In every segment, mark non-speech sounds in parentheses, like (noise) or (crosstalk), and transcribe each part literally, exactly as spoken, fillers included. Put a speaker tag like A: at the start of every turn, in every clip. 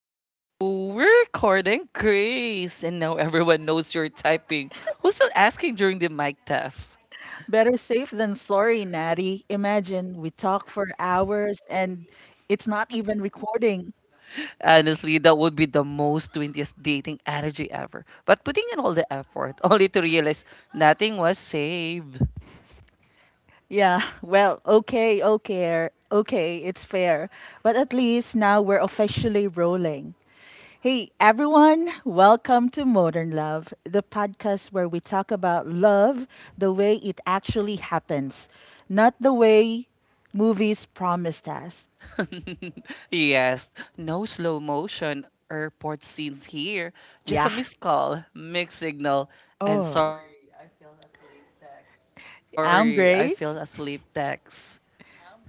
A: Oh, we're recording. Grace. And now everyone knows you're typing. Who's still asking during the mic test?
B: Better safe than sorry, Natty. Imagine we talk for hours and it's not even recording.
A: Honestly, that would be the most twentieth dating energy ever. But putting in all the effort, (laughs) only to realize nothing was saved.
B: Yeah, (laughs) well, okay, okay, er, okay, it's fair. But at least now we're officially rolling. Hey, everyone, welcome to Modern Love, the podcast where we talk about love the way it actually happens, not the way movies promised us.
A: (laughs) Yes, no slow motion airport scenes here. Just
B: Yeah.
A: a missed call, mixed signal, and
B: Oh,
A: sorry, I fell asleep text.
B: I'm Grace.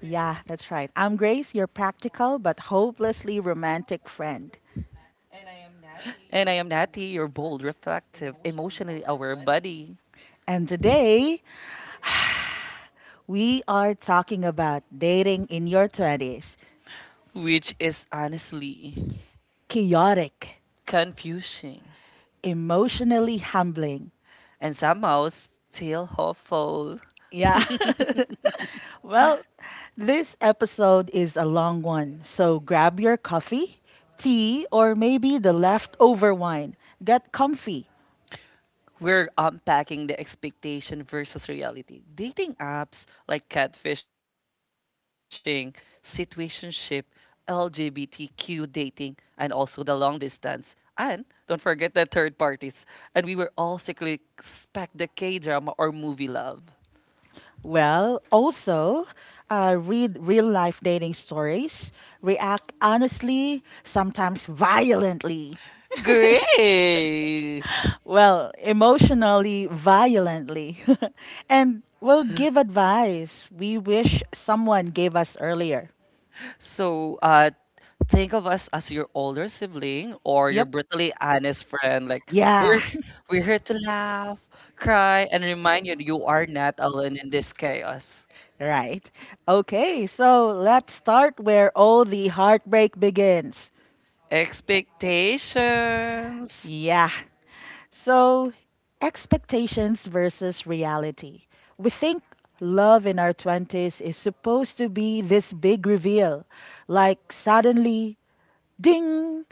B: Yeah, that's right. I'm Grace, your practical but hopelessly romantic friend.
A: And I am Natty, your bold, reflective, emotionally aware buddy,
B: And today, (sighs) we are talking about dating in your twenties.
A: which is honestly
B: Chaotic,
A: confusing
B: emotionally humbling.
A: and somehow still hopeful.
B: Yeah. (laughs)
A: (laughs)
B: well, this episode is a long one, so grab your coffee, tea, or maybe the leftover wine. Get comfy.
A: We're unpacking the expectation versus reality. Dating apps like catfishing, situationship, L G B T Q dating, and also the long distance. And don't forget the third parties. And we were all secretly expect the K drama or movie love.
B: Well, also, uh, read real life dating stories, react honestly, sometimes violently.
A: Grace.
B: Well, emotionally, violently. (laughs) And we'll give advice we wish someone gave us earlier.
A: So, uh, think of us as your older sibling or your
B: Yep.
A: brutally honest friend. Like we're
B: Yeah.
A: h- we're here to laugh, cry, and remind you you are not alone in this chaos.
B: Right. Okay, so let's start where all the heartbreak begins.
A: Expectations.
B: Yeah. So, expectations versus reality. We think love in our twenties is supposed to be this big reveal. Like, suddenly, ding,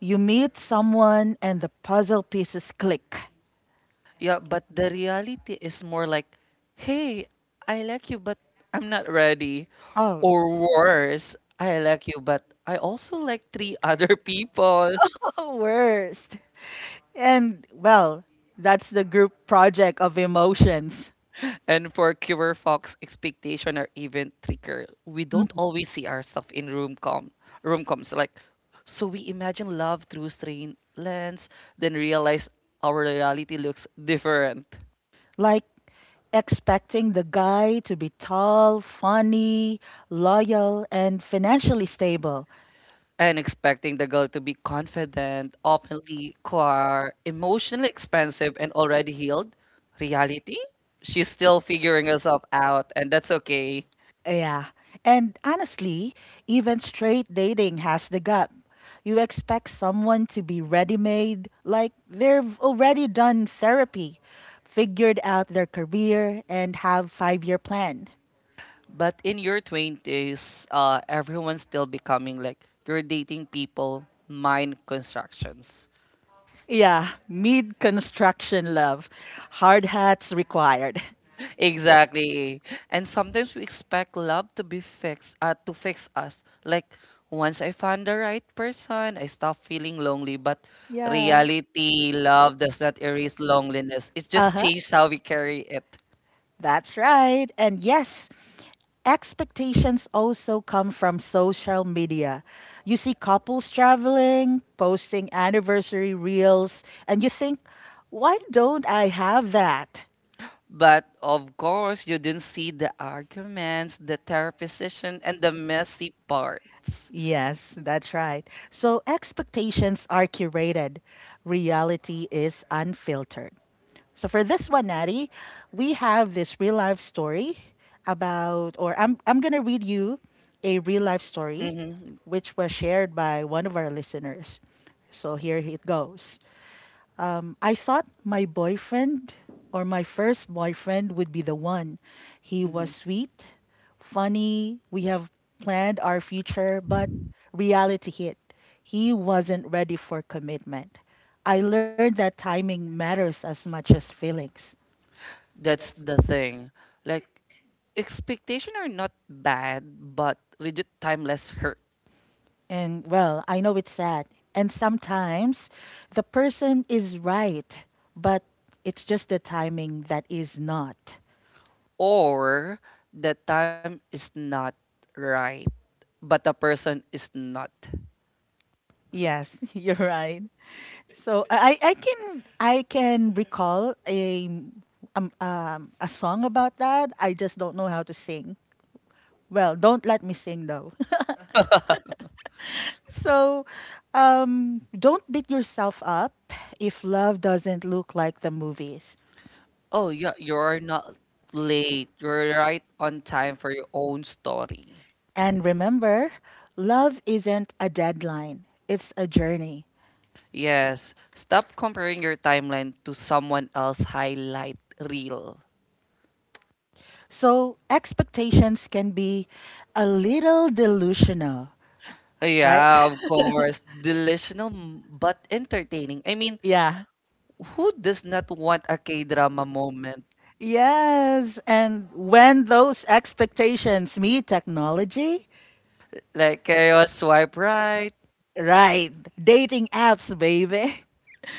B: you meet someone and the puzzle pieces click.
A: Yeah, but the reality is more like, hey, I like you, but I'm not ready. Or
B: Oh,
A: worse, I like you, but I also like three (laughs) other people.
B: (laughs) worst. And, well, that's the group project of emotions.
A: And for Cure Fox, expectation are even trickier. We don't always see ourselves in room com room coms, like, so we imagine love through strained lens, then realize our reality looks different.
B: Like expecting the guy to be tall, funny, loyal, and financially stable.
A: And expecting the girl to be confident, openly queer, emotionally expansive, and already healed. Reality? She's still figuring herself out, and that's okay.
B: Yeah. And honestly, even straight dating has the gap. You expect someone to be ready made, like they've already done therapy, figured out their career, and have five year plan.
A: But in your twenties, uh, everyone's still becoming, like, you're dating people, mind constructions.
B: Yeah, mid construction love. Hard hats required.
A: Exactly. And sometimes we expect love to be fixed, uh, to fix us. Like once I found the right person, I stop feeling lonely. But
B: Yeah.
A: reality, love does not erase loneliness. It
B: Uh
A: just
B: huh.
A: changes how we carry it.
B: That's right. And yes, expectations also come from social media. You see couples traveling, posting anniversary reels, and you think, why don't I have that?
A: But of course, you didn't see the arguments, the therapy session, and the messy parts.
B: Yes, that's right. So expectations are curated, reality is unfiltered. So for this one, Natty, we have this real life story about, or I'm I'm gonna read you a real life story,
A: Hmm.
B: which was shared by one of our listeners. So here it goes. Um, I thought my boyfriend or my first boyfriend would be the one. He was
A: Hmm.
B: sweet, funny. We have planned our future, but reality hit. He wasn't ready for commitment. I learned that timing matters as much as feelings.
A: That's the thing. Like expectation are not bad, but rigid timeless hurt,
B: And well, I know it's sad. And sometimes the person is right, but it's just the timing that is not.
A: or the time is not right, but the person is not.
B: Yes, (laughs) you're right. So I, I I can I can recall a um, um, a song about that. I just don't know how to sing. Well, don't let me sing though. (laughs) So, um, don't beat yourself up if love doesn't look like the movies.
A: Oh yeah, you're not late. You're right on time for your own story.
B: And remember, love isn't a deadline, it's a journey.
A: Yes, stop comparing your timeline to someone else's highlight reel.
B: So expectations can be a little delusional, right?
A: Yeah, of course.
B: (laughs)
A: Delusional m- but entertaining. I mean,
B: Yeah.
A: who does not want a K-drama moment?
B: Yes. And when those expectations meet technology,
A: Like chaos swipe right. (gasps)
B: right? Dating apps, baby. (laughs)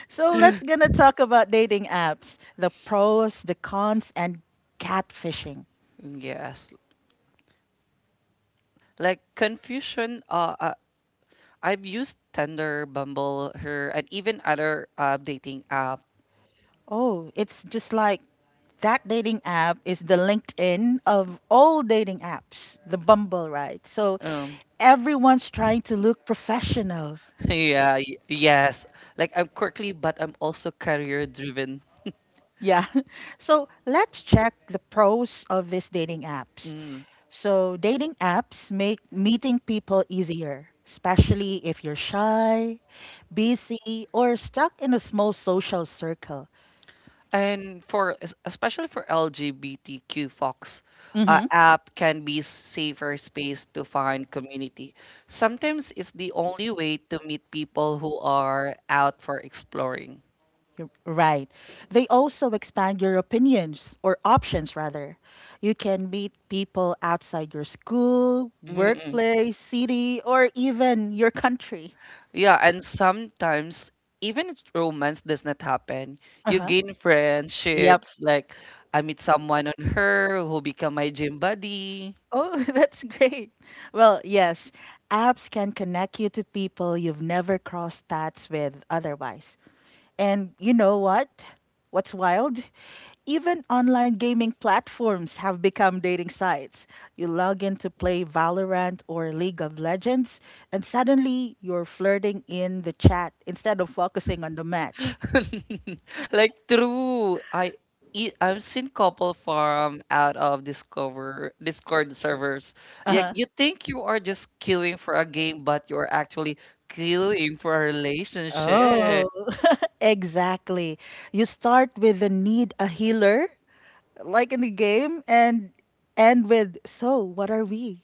B: So let's
A: (laughs)
B: gonna talk about dating apps, the pros, the cons, and catfishing.
A: Yes. Like confusion. Uh, uh, I've used Tinder, Bumble, her, and even other uh, dating app.
B: Oh, it's just like that dating app is the LinkedIn of all dating apps, the Bumble, right? So
A: Um,
B: everyone's trying to look professional.
A: (laughs) yeah. y- Yes. Like I'm quirky, but I'm also career driven.
B: Yeah. (laughs) So let's check the pros of these dating apps.
A: Mm.
B: So dating apps make meeting people easier, especially if you're shy, busy, or stuck in a small social circle.
A: And for es- especially for L G B T Q folks, uh,
B: hmm
A: app can be safer space to find community. Sometimes it's the only way to meet people who are out for exploring.
B: You're right. They also expand your opinions or options, rather. You can meet people outside your school, mm
A: Mm-mm.
B: workplace, city, or even your country.
A: Yeah, and sometimes even if romance does not happen, you
B: Uh-huh.
A: gain
B: Yep.
A: friendships. Like I meet someone on her who become my gym buddy.
B: Oh, (laughs) that's great. Well, yes, apps can connect you to people you've never crossed paths with otherwise. And you know what? What's wild? Even online gaming platforms have become dating sites. You log in to play Valorant or League of Legends, and suddenly you're flirting in the chat instead of focusing on the match.
A: (laughs) Like true, I e- I've seen couple farm out of Discover Discord servers. Like
B: Uh-huh.
A: you think you are just queuing for a game, but you're actually queuing for a relationship.
B: Oh, (laughs) exactly. You start with the need a healer, like in the game, and end with, so what are we?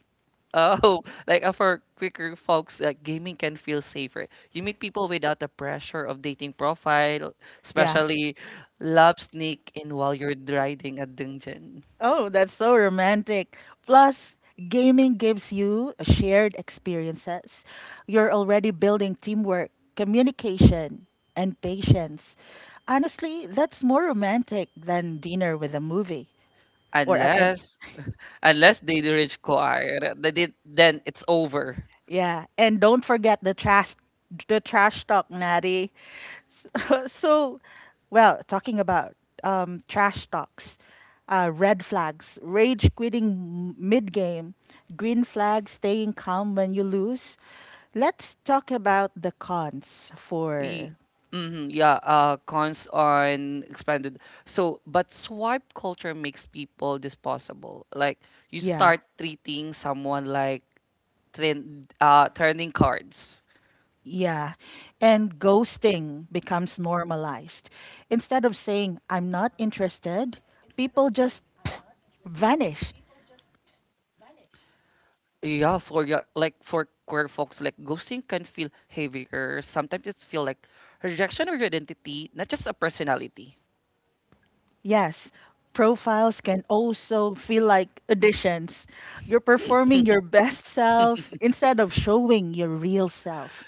A: Oh, (laughs) like, uh, for quicker folks, like gaming can feel safer. You meet people without the pressure of dating profile,
B: Yeah.
A: especially love sneak in while you're riding a dungeon.
B: Oh, that's so romantic. Plus, gaming gives you shared experiences. You're already building teamwork, communication, and patience. Honestly, that's more romantic than dinner with a movie. Or a- and
A: Unless Unless they reach choir, they did, then it's over.
B: yeah, and don't forget the trash the trash talk, Natty. (laughs) So well talking about um, trash talks, uh, red flags rage quitting mid game, green flags staying calm when you lose. Let's talk about the cons
A: Y-
B: for
A: mhm, yeah, uh, cons on expanded. So, but swipe culture makes people disposable. Like you
B: yeah
A: start treating someone like trend, uh, turning cards.
B: yeah. And ghosting becomes normalized instead of saying I'm not interested, people just vanish.
A: Yeah, for yeah, like, for queer folks, like ghosting can feel heavier. Sometimes it feel like rejection of your identity, not just a personality.
B: Yes, profiles can also feel like auditions. You're performing your best self instead of showing your real self.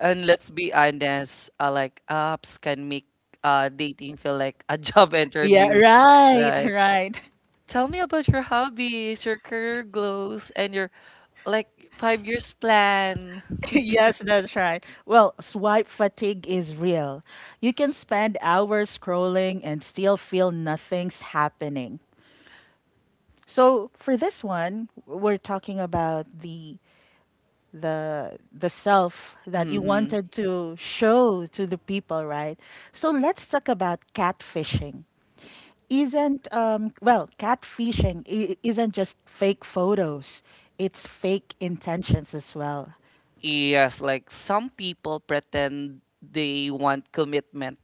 A: And let's be honest, uh, like apps can make uh, dating feel like a (laughs) job
B: Yeah,
A: interview.
B: right,
A: Like,
B: right. (laughs)
A: tell me about your hobbies, your career goals, and your, like, five years plan. (laughs)
B: Yes, that's right. Well, swipe fatigue is real. You can spend hours scrolling and still feel nothing's happening. So, for this one, we're talking about the the the self that you
A: Hmm.
B: wanted to show to the people, right? So let's talk about catfishing. Isn't um well, Catfishing i- isn't just fake photos. It's fake intentions as well.
A: Yes, like some people pretend they want commitment,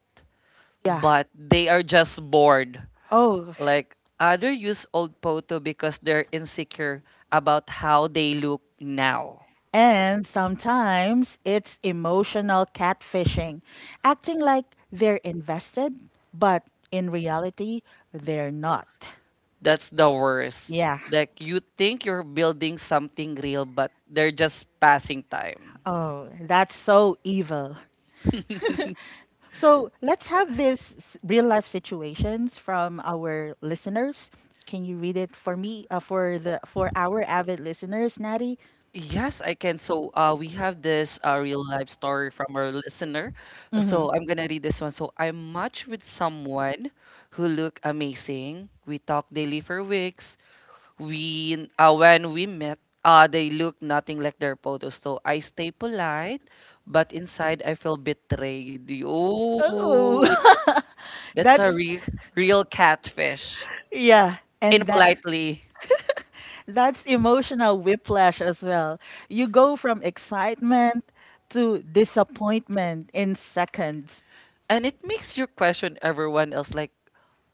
B: Yeah.
A: but they are just bored.
B: Oh,
A: Like other use old photo because they're insecure about how they look now.
B: and sometimes it's emotional catfishing, acting like they're invested, but in reality, they're not.
A: That's the worst.
B: Yeah.
A: Like you think you're building something real, but they're just passing time.
B: Oh, that's so evil.
A: (laughs)
B: So let's have this real life situations from our listeners. Can you read it for me, uh, for the for our avid listeners, Natty?
A: Yes, I can. So uh, we have this uh, real life story from our listener.
B: Mm-hmm.
A: So I'm gonna read this one. So I matched with someone who looked amazing. We talked daily for weeks. We uh, when we met, uh, they looked nothing like their photos. So I stay polite, but inside I feel betrayed. Oh,
B: Oh,
A: that's
B: (laughs)
A: a
B: that's
A: re- real catfish,
B: yeah, and that
A: impolitely.
B: that's emotional whiplash as well. You go from excitement to disappointment in seconds.
A: And it makes you question everyone else, like,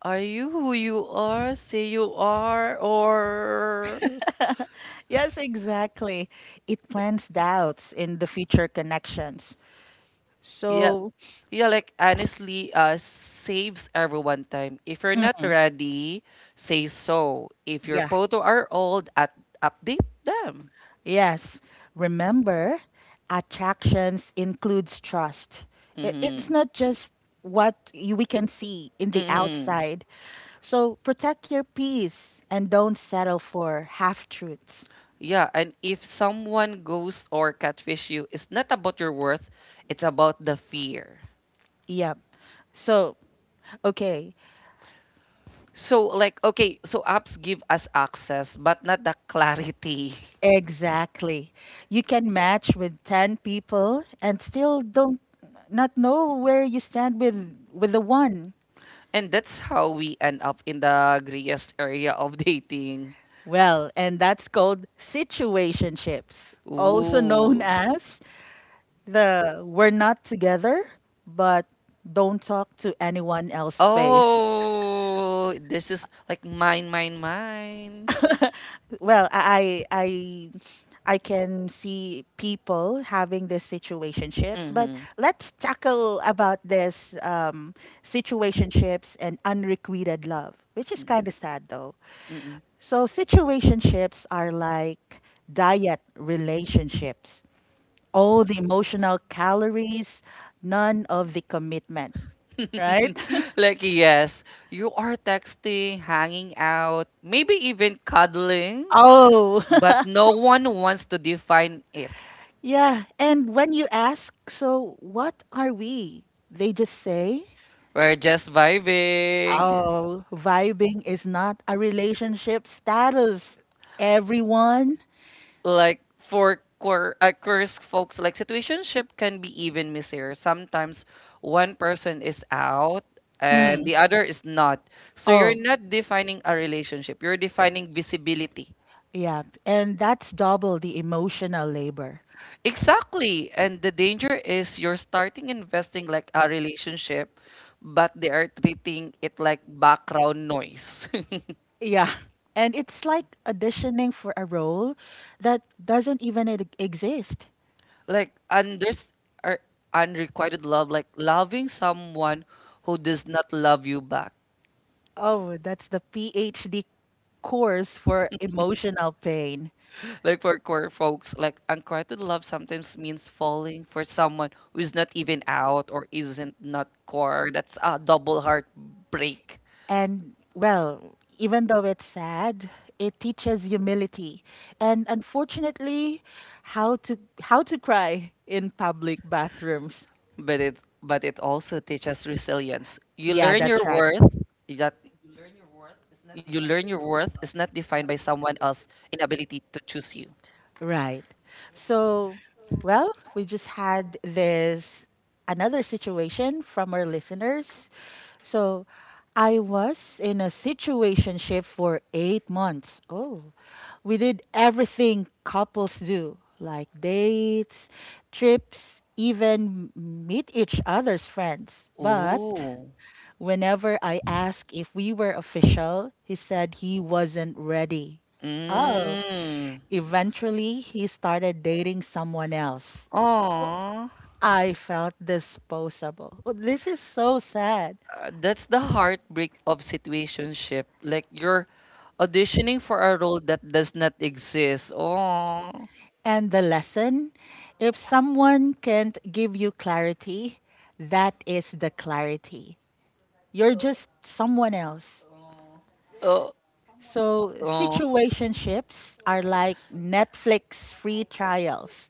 A: are you who you are? Say you are, or,
B: (laughs) Yes, exactly. It plants doubts in the future connections.
A: yeah,
B: So,
A: yeah. Like honestly, uh, saves everyone time. If you're not
B: mhm,
A: ready, say so. If your
B: yeah.
A: photo are old, at update them.
B: Yes. Remember, attractions includes trust. I- It's
A: Mm-hmm.
B: not just what you, we can see in the
A: Mm-hmm.
B: outside. So protect your peace and don't settle for half truths.
A: Yeah, and if someone goes or catfish you, it's not about your worth, it's about the fear.
B: Yep. So, okay.
A: So, like, okay, so apps give us access but not the clarity. (laughs)
B: Exactly. You can match with ten people and still don't not know where you stand with with the one.
A: And that's how we end up in the grayest area of (laughs) dating.
B: Well, and that's called situationships, also known
A: Ooh.
B: as the we're not together, but don't talk to anyone else face.
A: Oh, this is like mine, mine, mine.
B: (laughs) Well, I I I can see people having these situationships, but
A: Mm-hmm.
B: let's tackle about this um, situationships and unrequited love, which is
A: Mm-hmm.
B: kind of sad though.
A: Mm-mm.
B: So situationships are like diet relationships. All the emotional calories, none of the commitment, right?
A: (laughs) Like, yes, you are texting, hanging out, maybe even cuddling,
B: (laughs) Oh.
A: but no
B: (laughs)
A: one wants to define it.
B: Yeah, and when you ask, so what are we? They just say,
A: We're just vibing.
B: oh, vibing is not a relationship status, everyone.
A: Like for queer, uh, queer folks, like situationship can be even messier. Sometimes one person is out and
B: Mhm.
A: the other is not. So you're
B: Oh,
A: not defining a relationship. You're defining visibility.
B: yeah, and that's double the emotional labor.
A: Exactly. And the danger is you're starting investing like a relationship, but they are treating it like background noise.
B: Yeah, (laughs) and it's like auditioning for a role that doesn't even e- exist.
A: (laughs) Like unders or unrequited love, like loving someone who does not love you back.
B: Oh, that's the PhD course for emotional pain.
A: Like for core folks, like unrequited love sometimes means falling for someone who is not even out or isn't not core. That's a double heartbreak.
B: And well, even though it's sad, it teaches humility and unfortunately how to how to cry in public bathrooms.
A: but it but it also teaches resilience. You
B: Yeah,
A: learn
B: that's
A: your
B: right.
A: worth that you learn your worth is not defined by someone else's inability to choose you.
B: Right. So, well, we just had this another situation from our listeners. So, I was in a situationship for eight months. Oh, we did everything couples do, like dates, trips, even meet each other's friends. But
A: Ooh.
B: whenever I asked if we were official, he said he wasn't ready. Oh,
A: Mm.
B: eventually he started dating someone else. Oh,
A: Aw.
B: I felt disposable. Oh, this is so sad.
A: Uh, That's the heartbreak of situationship. Like you're auditioning for a role that does not exist. Oh.
B: And the lesson, if someone can't give you clarity, that is the clarity. You're
A: Oh.
B: just someone else.
A: Oh.
B: So, situationships are like Netflix free trials.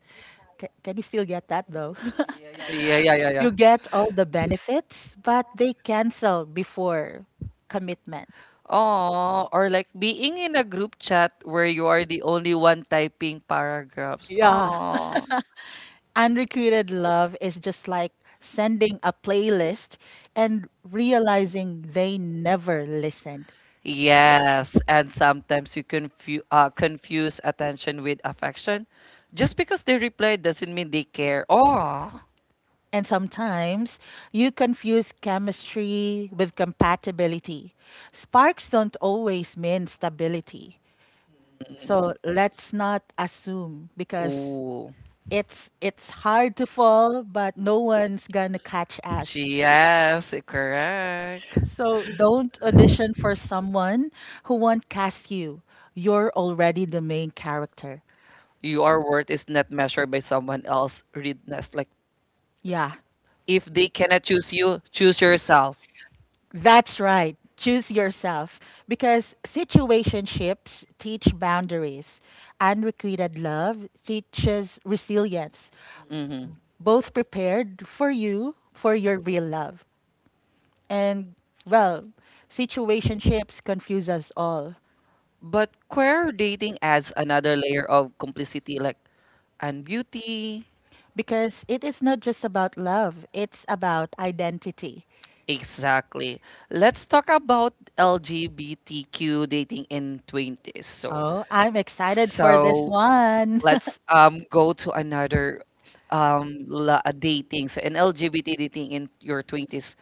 B: Ca Can you still get that though? (laughs)
A: Yeah,
B: (laughs)
A: yeah, yeah, yeah.
B: You get all the benefits, but they cancel before commitment.
A: Oh, or like being in a group chat where you are the only one typing paragraphs.
B: Yeah.
A: Oh,
B: Unrequited love is just like sending a playlist and realizing they never listened.
A: yes, and sometimes you confu- uh, confuse attention with affection. Just because they reply doesn't mean they care. Oh.
B: And sometimes you confuse chemistry with compatibility. Sparks don't always mean stability.
A: Mm.
B: So let's not assume mm, because
A: Ooh.
B: it's it's hard to fall, but no one's gonna catch us.
A: She- Yes, correct.
B: So don't audition for someone who won't cast you. You're already the main character.
A: Your worth is not measured by someone else. Readness. Like,
B: Yeah,
A: if they cannot choose you, choose yourself.
B: that's right. Choose yourself because situationships teach boundaries. Unrequited love teaches resilience,
A: Mm-hmm.
B: both prepared for you, for your real love. And well, situationships confuse us all
A: But queer dating adds another layer of complicity, like, and beauty.
B: because it is not just about love, it's about identity.
A: Exactly. Let's talk about L G B T Q dating in twenties. So,
B: Oh, I'm excited for this
A: so
B: one.
A: let's
B: (laughs)
A: um go to another um la- uh, dating. So, in L G B T dating in your twenties,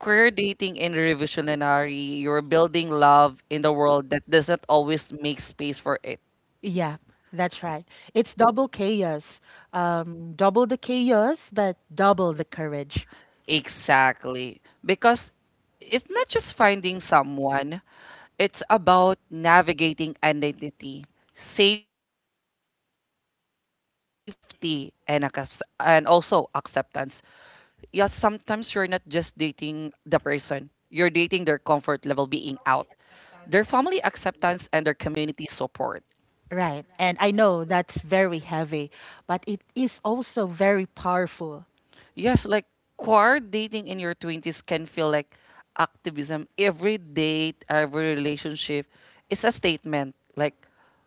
A: queer dating in revolutionary, you're building love in the world that does not always make space for it.
B: Yeah, that's right. It's double chaos. Um, double the chaos, but double the courage.
A: Exactly. Because it's not just finding someone. It's about navigating identity, safety, and, accep- and also acceptance. Yeah, sometimes you're not just dating the person, you're dating their comfort level being out, their family acceptance, and their community support.
B: Right. And I know that's very heavy, but it is also very powerful.
A: Yes, like queer dating in your twenties can feel like activism. Every date, every relationship is a statement, like,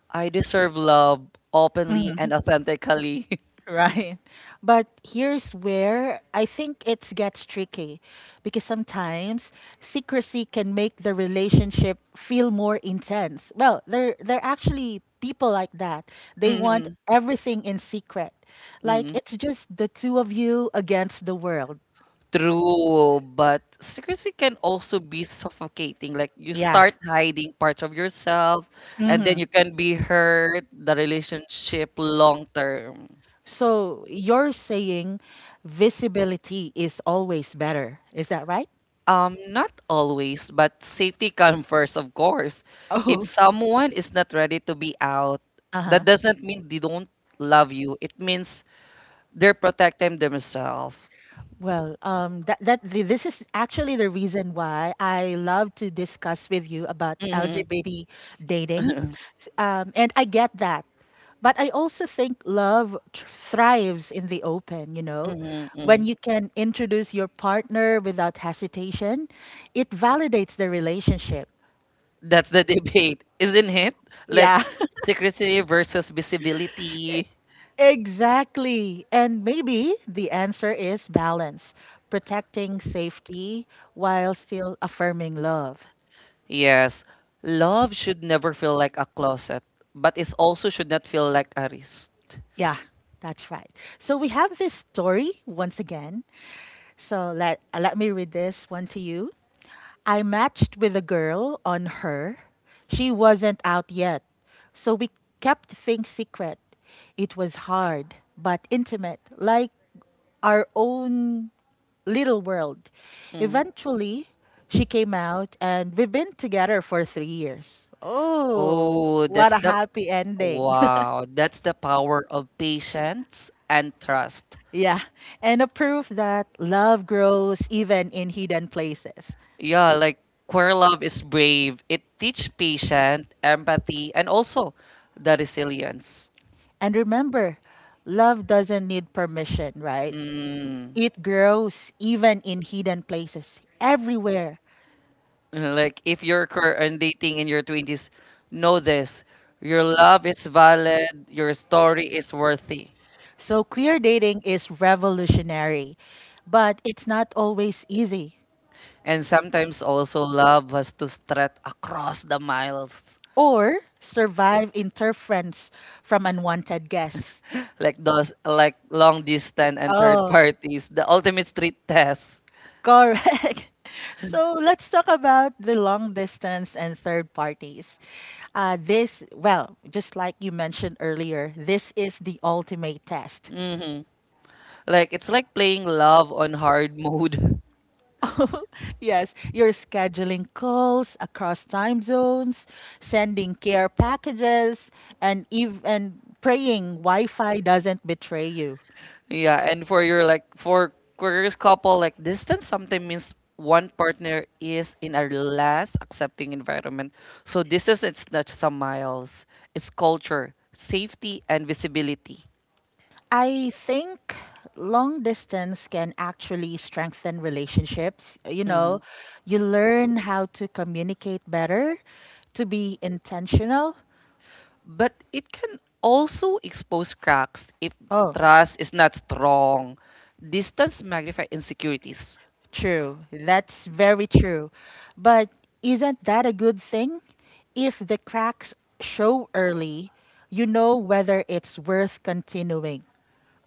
A: I deserve love openly
B: Mhm.
A: and authentically.
B: Right. But here's where I think it gets tricky because sometimes secrecy can make the relationship feel more intense. Well, they're they're actually people like that.
A: (laughs)
B: They
A: Mm-hmm.
B: want everything in secret. Like it's just the two of you against the world.
A: True, but secrecy can also be suffocating. Like you
B: Yeah.
A: start hiding parts of yourself, and then
B: hmm
A: you can be hurt the relationship long term.
B: So you're saying visibility is always better. Is that right?
A: Um, not always, but safety comes first, of course. If
B: Oh. (laughs)
A: someone is not ready to be out, that
B: Uh-huh.
A: doesn't mean they don't love you. It means they're protecting themselves.
B: Well, um, that that th- this is actually the reason why I love to discuss with you about
A: Hmm.
B: L G B T dating,
A: Hmm.
B: S- um, and I get that. But I also think love tr- thrives in the open. You know,
A: Hmm.
B: when you
A: (laughs)
B: can introduce your partner without hesitation, it validates the relationship.
A: That's the (laughs) debate, isn't it? Like
B: Yeah,
A: secrecy versus
B: (laughs) e-
A: visibility.
B: exactly. And maybe the answer is balance, protecting safety while still affirming love.
A: Yes. Love should never feel like a closet, but it also should not feel like a wrist.
B: Yeah, that's right. So we have this story once again. So let uh, let me read this one to you. I matched with a girl on her. She wasn't out yet. So we kept things secret. It was hard, but intimate, like our own little world.
A: Mm.
B: Eventually, she came out and we've been together for three years. Oh,
A: Oh,
B: what
A: that's
B: a
A: the
B: happy ending.
A: wow. That's the power
B: (laughs)
A: of patience and trust.
B: Yeah, and a proof that love grows even in hidden places.
A: Yeah, like queer love is brave. It teach patience, empathy, and also the resilience.
B: And remember, love doesn't need permission, right?
A: Mm.
B: It grows even in hidden places, everywhere.
A: Uh, Like if you're cur- and dating in your twenties, know this. Your love is valid, your story is worthy.
B: So queer dating is revolutionary, but it's not always easy.
A: And sometimes also love has to stretch across the miles.
B: Or survive interference from unwanted guests.
A: Like those, like, long distance and third
B: Oh,
A: parties, the ultimate street test.
B: correct. (laughs) So let's talk about the long distance and third parties. Uh, this, well, just like you mentioned earlier, this is the ultimate test.
A: Hmm. Like it's like playing love on hard mode. (laughs)
B: (laughs) Yes, you're scheduling calls across time zones, sending care packages, and even praying Wi-Fi doesn't betray you.
A: Yeah, and for your like for queer couple, like distance sometimes means one partner is in a less accepting environment. So distance it's not just a miles, it's culture, safety and visibility.
B: I think long distance can actually strengthen relationships. You know,
A: Mhm.
B: you learn how to communicate better, to be intentional.
A: But it can also expose cracks if
B: Oh,
A: trust is not strong. Distance magnifies insecurities.
B: true. That's very true. But isn't that a good thing? If the cracks show early, you know whether it's worth continuing.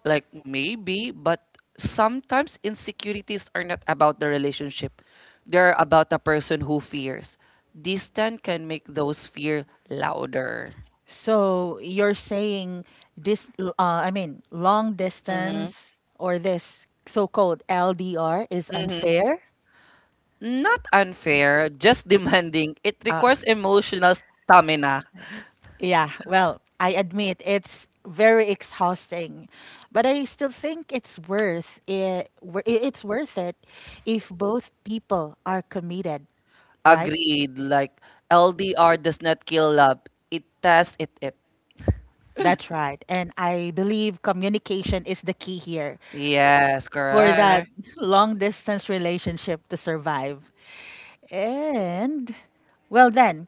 A: Like maybe, but sometimes insecurities are not about the relationship. They're about the person who fears. Distance can make those fear louder.
B: So you're saying this, uh, I mean, long
A: Hmm.
B: distance or this so-called L D R is
A: Hmm.
B: unfair?
A: Not unfair, just (laughs) demanding. It
B: Uh,
A: requires emotional stamina.
B: Yeah, well, I admit it's very exhausting, but I still think it's worth it. wor- i- It's worth it if both people are committed, right?
A: Agreed. Like L D R does not kill love. It tests it. It.
B: That's right. And I believe communication is the key here
A: Yes,
B: for that
A: correct.
B: (laughs) long distance relationship to survive. And, well, then,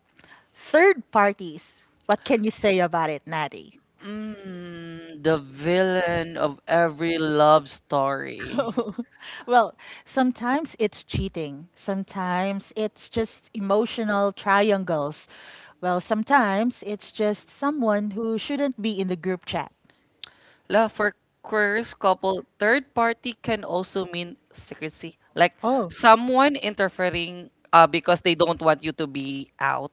B: third parties, what can you say about it, Natty?
A: Mm, the villain of every love story.
B: Oh, (laughs) well, sometimes it's cheating. Sometimes it's just emotional triangles. Well, sometimes it's just someone who shouldn't be in the group chat.
A: La, for queer couple, third party can also mean secrecy. Like
B: Oh,
A: someone interfering uh, because they don't want you to be out.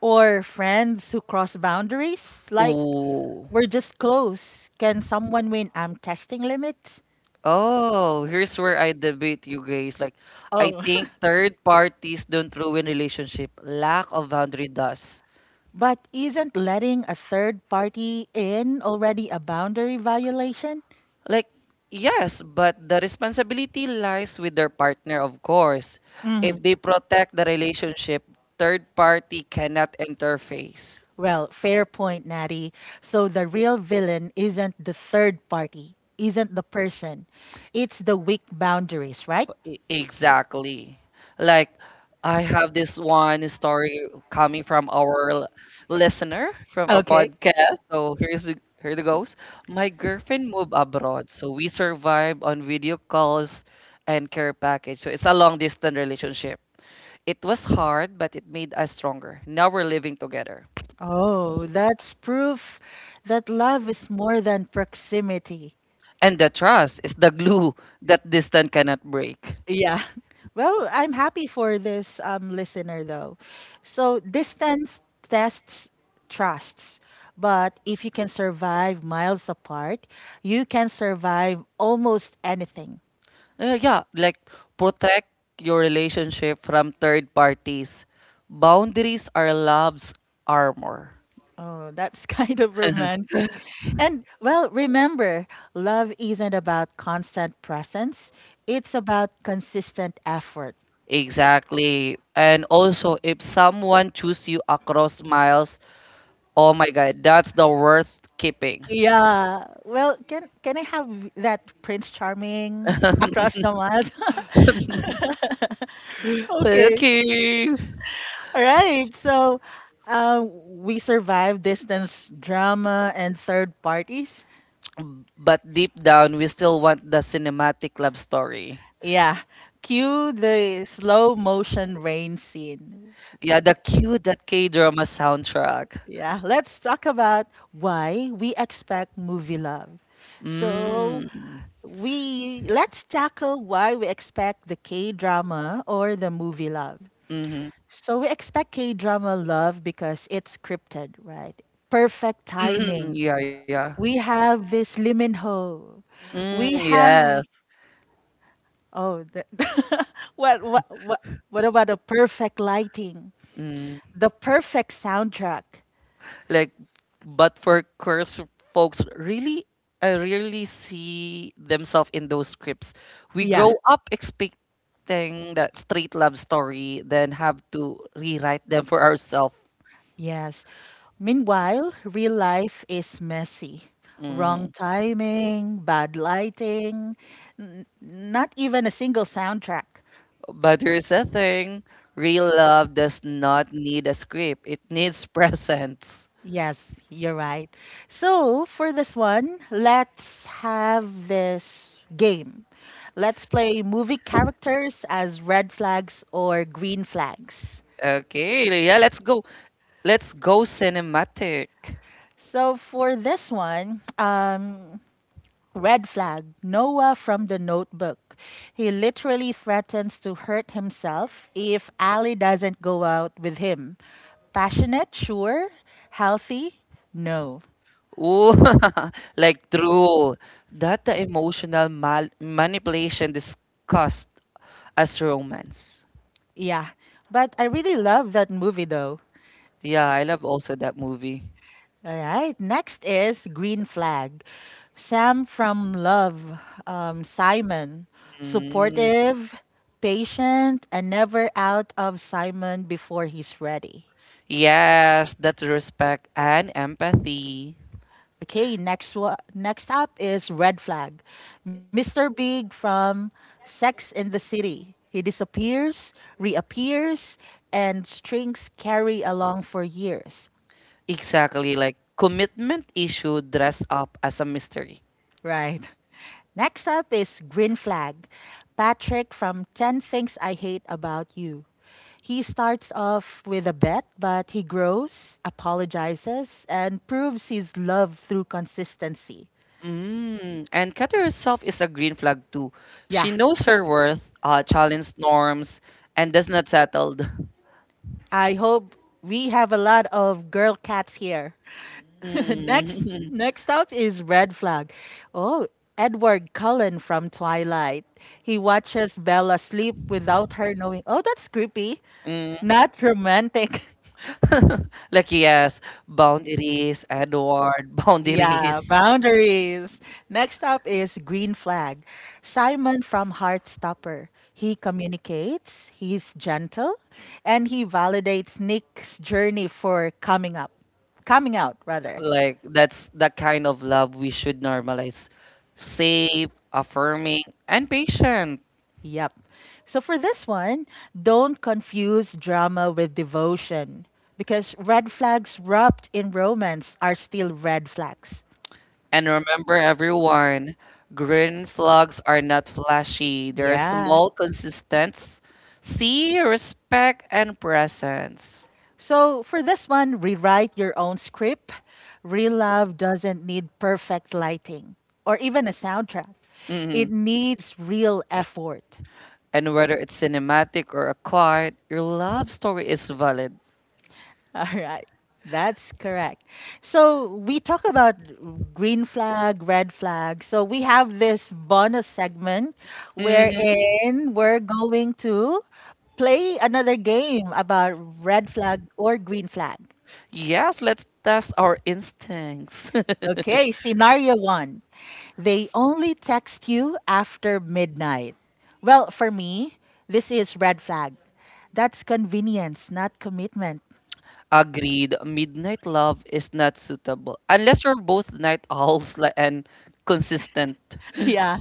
B: or friends who cross boundaries. Like,
A: Ooh.
B: we're just close. Can someone win? I'm testing limits.
A: Oh, here's where I debate you guys. Like, I
B: Oh.
A: think third
B: (laughs)
A: parties don't ruin relationship. Lack of boundary does.
B: But isn't letting a third party in already a boundary violation?
A: Like, yes, but the responsibility lies with their partner, of course.
B: Mhm.
A: If they protect the relationship, third party cannot interface.
B: Well, fair point, Natty. So the real villain isn't the third party, isn't the person. It's the weak boundaries, right?
A: E- Exactly. Like I have this one story coming from our l- listener from our
B: Okay.
A: podcast. So here's the here it goes. My girlfriend moved abroad, so we survived on video calls and care package. So it's a long distance relationship. It was hard, but it made us stronger. Now we're living together.
B: Oh, that's proof that love is more than proximity.
A: And the trust is the glue that distance cannot break.
B: Yeah. (laughs) Well, I'm happy for this um, listener though. So distance tests trusts, but if you can survive miles apart, you can survive almost anything.
A: Uh, yeah, like protect your relationship from third parties. Boundaries are love's armor.
B: Oh, that's (laughs) kind of
A: (laughs)
B: romantic. And, well, remember, love isn't about constant presence. It's about consistent effort.
A: Exactly. And also, if someone choose you across miles, oh my God, that's the worth keeping.
B: Yeah. Well, can can I have that Prince Charming (laughs) across the miles?
A: (laughs)
B: (laughs) (laughs) Okay.
A: Okay.
B: All right. So uh, we survived distance drama and third parties.
A: But deep down, we still want the cinematic love story.
B: Yeah. Cue the slow motion rain scene.
A: Yeah, the cute that K drama soundtrack.
B: Yeah. Let's talk about why we expect movie love. So
A: Mm.
B: we let's tackle why we expect the K drama or the movie love.
A: Mm-hmm.
B: So we expect K drama love because it's scripted, right? Perfect
A: Mm-hmm.
B: timing.
A: Yeah, yeah.
B: We have this Lee Min Ho.
A: Mm,
B: We have
A: yes.
B: oh, the, (laughs) what what what what about the perfect lighting?
A: Mm.
B: The perfect soundtrack.
A: Like, but for queers folks, really, I rarely see themselves in those scripts. We
B: Yeah.
A: grow up expecting that straight love story, then have to rewrite them for ourselves.
B: Yes. Meanwhile, real life is messy. Wrong
A: Mhm.
B: timing, bad lighting, n- not even a single soundtrack.
A: But here's the thing, real love does not need a script. It needs (laughs) presence.
B: Yes, you're right. So, for this one, let's have this game. Let's play movie characters as red flags or green flags.
A: Okay, yeah, let's go. Let's go cinematic.
B: So, for this one, um, red flag Noah from the notebook. He literally threatens to hurt himself if Ali doesn't go out with him. Passionate, sure. Healthy, no.
A: Ooh, (laughs) like true. That the emotional mal manipulation discussed as romance.
B: Yeah. But I really love that movie though.
A: Yeah, I love also that movie.
B: All right. Next is Green Flag. Sam from Love. Um, Simon.
A: Mm,
B: Supportive, patient, and never out of Simon before he's ready.
A: yes, that's respect and empathy.
B: Okay, next one. Next up is Red Flag. Mister Big from Sex in the City. He disappears, reappears, and strings carry along for years.
A: Exactly, like commitment issue dressed up as a mystery.
B: Right. Next up is Green Flag, Patrick from ten Things I Hate About You. He starts off with a bet, but he grows, apologizes, and proves his love through consistency.
A: Mm, and Kata herself is a green flag too.
B: Yeah,
A: She knows her worth, uh, challenges norms, and does not settle. (laughs)
B: I hope we have a lot of girl cats here. (laughs) Next,
A: Mm,
B: next up is Red Flag. Oh, Edward Cullen from Twilight. He watches Bella sleep without her knowing. Oh, that's creepy.
A: (laughs)
B: Not romantic. (laughs)
A: (laughs) like yes, boundaries, Edward, (laughs)
B: Yeah,
A: boundaries.
B: boundaries. Next up is green flag. Simon from Heartstopper. He communicates, he's gentle, and he validates Nick's journey for coming up, coming out rather.
A: Like that's the kind of love we should normalize. Safe, affirming, and patient.
B: Yep. So for this one, don't confuse drama with devotion because red flags wrapped in romance are still red flags.
A: And remember everyone, green flags are not flashy. They're
B: Yeah.
A: small, consistent. See, respect, and presence.
B: So for this one, rewrite your own script. Real love doesn't need perfect lighting or even a soundtrack. It
A: Mhm.
B: needs real effort.
A: And whether it's cinematic or a quiet, your love story is valid.
B: (laughs) All right. That's correct. So we talk about green flag, red flag. So we have this bonus segment
A: Mm-hmm.
B: wherein we're going to play another game about red flag or green flag.
A: Yes, let's test our instincts. (laughs)
B: Okay, scenario one. They only text you after midnight. Well, for me, this is red flag. That's convenience, not commitment. (laughs)
A: Agreed. Midnight love is not suitable unless you're both night owls li- and consistent.
B: Yeah.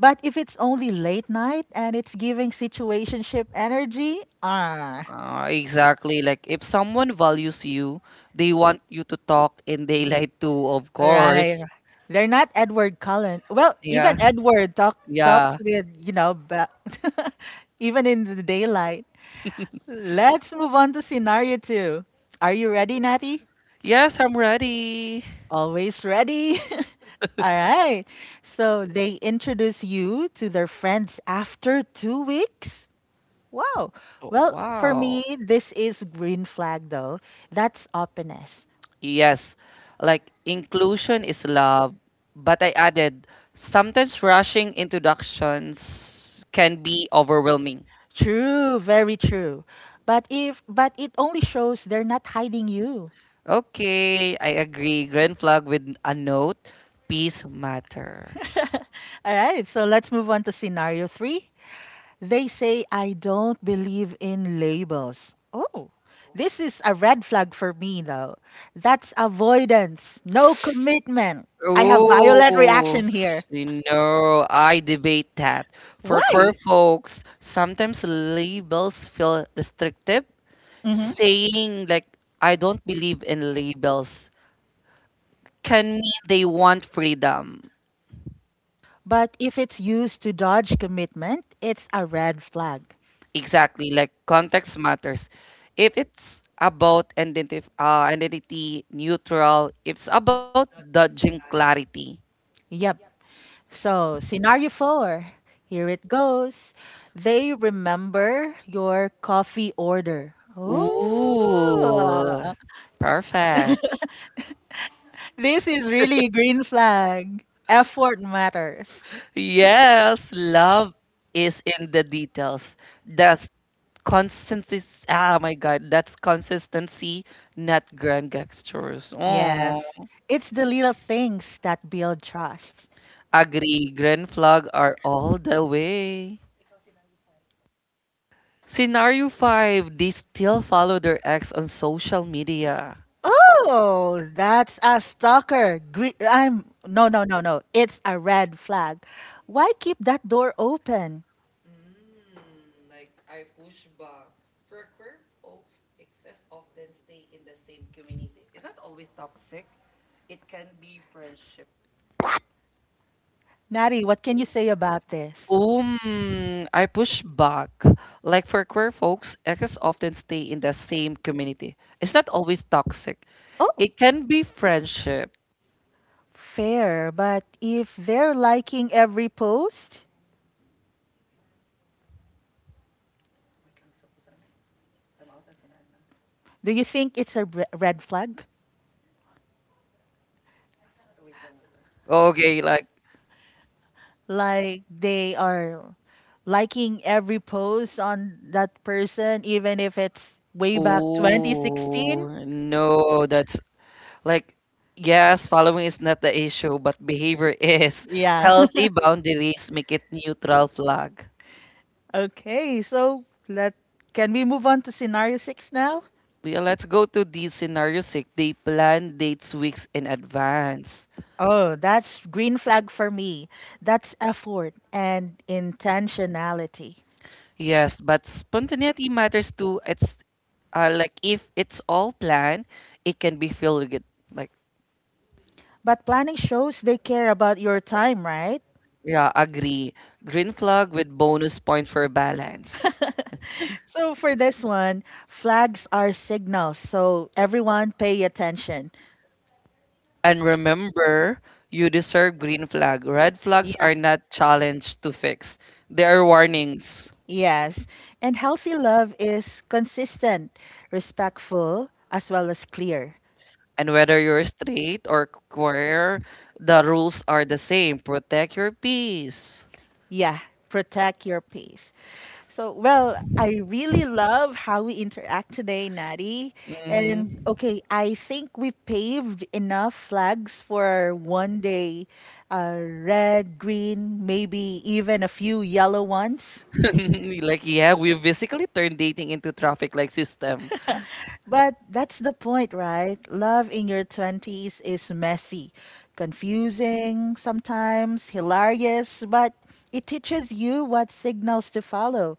B: But if it's only late night and it's giving situationship energy, ah,
A: Uh, exactly. Like if someone values you, they want you to talk in daylight too, of
B: right.
A: course.
B: They're not Edward Cullen. Well, even
A: Yeah.
B: Edward talk, talks
A: Yeah.
B: with, you know, ba- (laughs) even in the daylight. Let's move on to scenario two. Are you ready, Natty?
A: Yes, I'm ready.
B: Always ready. (laughs) All right. So they introduce you to their friends after two weeks. Wow.
A: Oh,
B: Well, for
A: wow.
B: me, this is green flag though. That's openness.
A: Yes, like inclusion is love, but I added sometimes rushing introductions can be overwhelming.
B: True, very true. But if but it only shows they're not hiding you.
A: Okay, I agree. Grand flag with a note. Peace matter.
B: (laughs) All right. So let's move on to scenario three. They say I don't believe in labels. Oh, this is a red flag for me though. That's avoidance, no commitment. I have violent
A: Oh,
B: reaction here.
A: you know, I debate that. For queer
B: Why?
A: folks, sometimes labels feel restrictive.
B: hmm
A: Saying like I don't believe in labels can mean they want freedom.
B: But if it's used to dodge commitment, it's a red flag.
A: Exactly, like context matters. If it's about identity, uh, identity neutral, if it's about dodging clarity.
B: Yep. So, scenario four, here it goes. They remember your coffee order.
A: Ooh,
B: Oh,
A: perfect.
B: this is really green flag. Effort matters.
A: Yes, love is in the details. That's consistency. Ah, my God, that's consistency, not grand gestures.
B: Yes.
A: Oh,
B: It's the little things that build trust.
A: agree. Grand flag are all the way. Scenario five, they still follow their ex on social media.
B: Oh, that's a stalker. Gre- I'm No, no, no, no. It's a red flag. Why keep that door open? Nari, what can you say about this?
A: Um, I push back. Like for queer folks, exes often stay in the same community. It's not always toxic.
B: Oh,
A: It can be friendship.
B: fair, but if they're liking every post, do you think it's a re- red flag?
A: Okay, like,
B: Like they are liking every post on that person, even if it's way back twenty sixteen.
A: oh, no, that's like, yes, following is not the issue, but behavior (laughs) is.
B: Yeah.
A: Healthy
B: (laughs)
A: boundaries make it neutral flag.
B: Okay, so let can we move on to scenario six now?
A: Yeah, let's go to the scenario six. They plan dates weeks in advance.
B: Oh, that's green flag for me. That's effort and intentionality.
A: Yes, but spontaneity matters too. It's uh, like if it's all planned, it can be filled with like
B: But planning shows they care about your time, right?
A: yeah, agree. Green flag with bonus point for balance.
B: (laughs) So for this one, flags are signals, so everyone pay attention.
A: And remember, you deserve green flag. Red flags
B: Yeah.
A: are not challenge to fix. They are warnings.
B: Yes. And healthy love is consistent, respectful, as well as clear.
A: And whether you're straight or queer, the rules are the same. Protect your peace.
B: Yeah. Protect your peace. So, well, I really love how we interact today, Natty. And
A: Mhm.
B: okay, I think we paved enough flags for one day, uh, red, green, maybe even a few yellow ones.
A: (laughs) Like yeah, we've basically turned dating into traffic like system,
B: But that's the point, right? Love in your twenties is messy, confusing, sometimes hilarious, but it teaches you what signals to follow.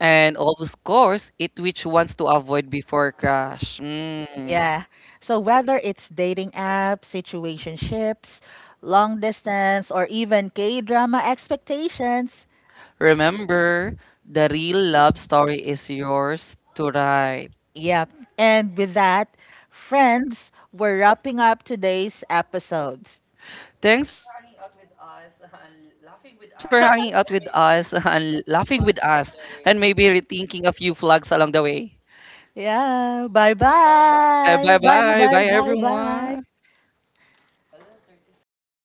A: and of course, it which wants to avoid before crash. Mm.
B: Yeah. So whether it's dating apps, situationships, long distance, or even K-drama expectations.
A: Remember, the real love story is yours to write.
B: Yep. And with that, friends, we're wrapping up today's episode.
A: Thanks for
B: (laughs)
A: hanging
B: (laughs)
A: out with us (laughs) and laughing with us and maybe rethinking a few flags along the way.
B: Yeah. Bye
A: Uh,
B: bye.
A: bye bye bye everyone.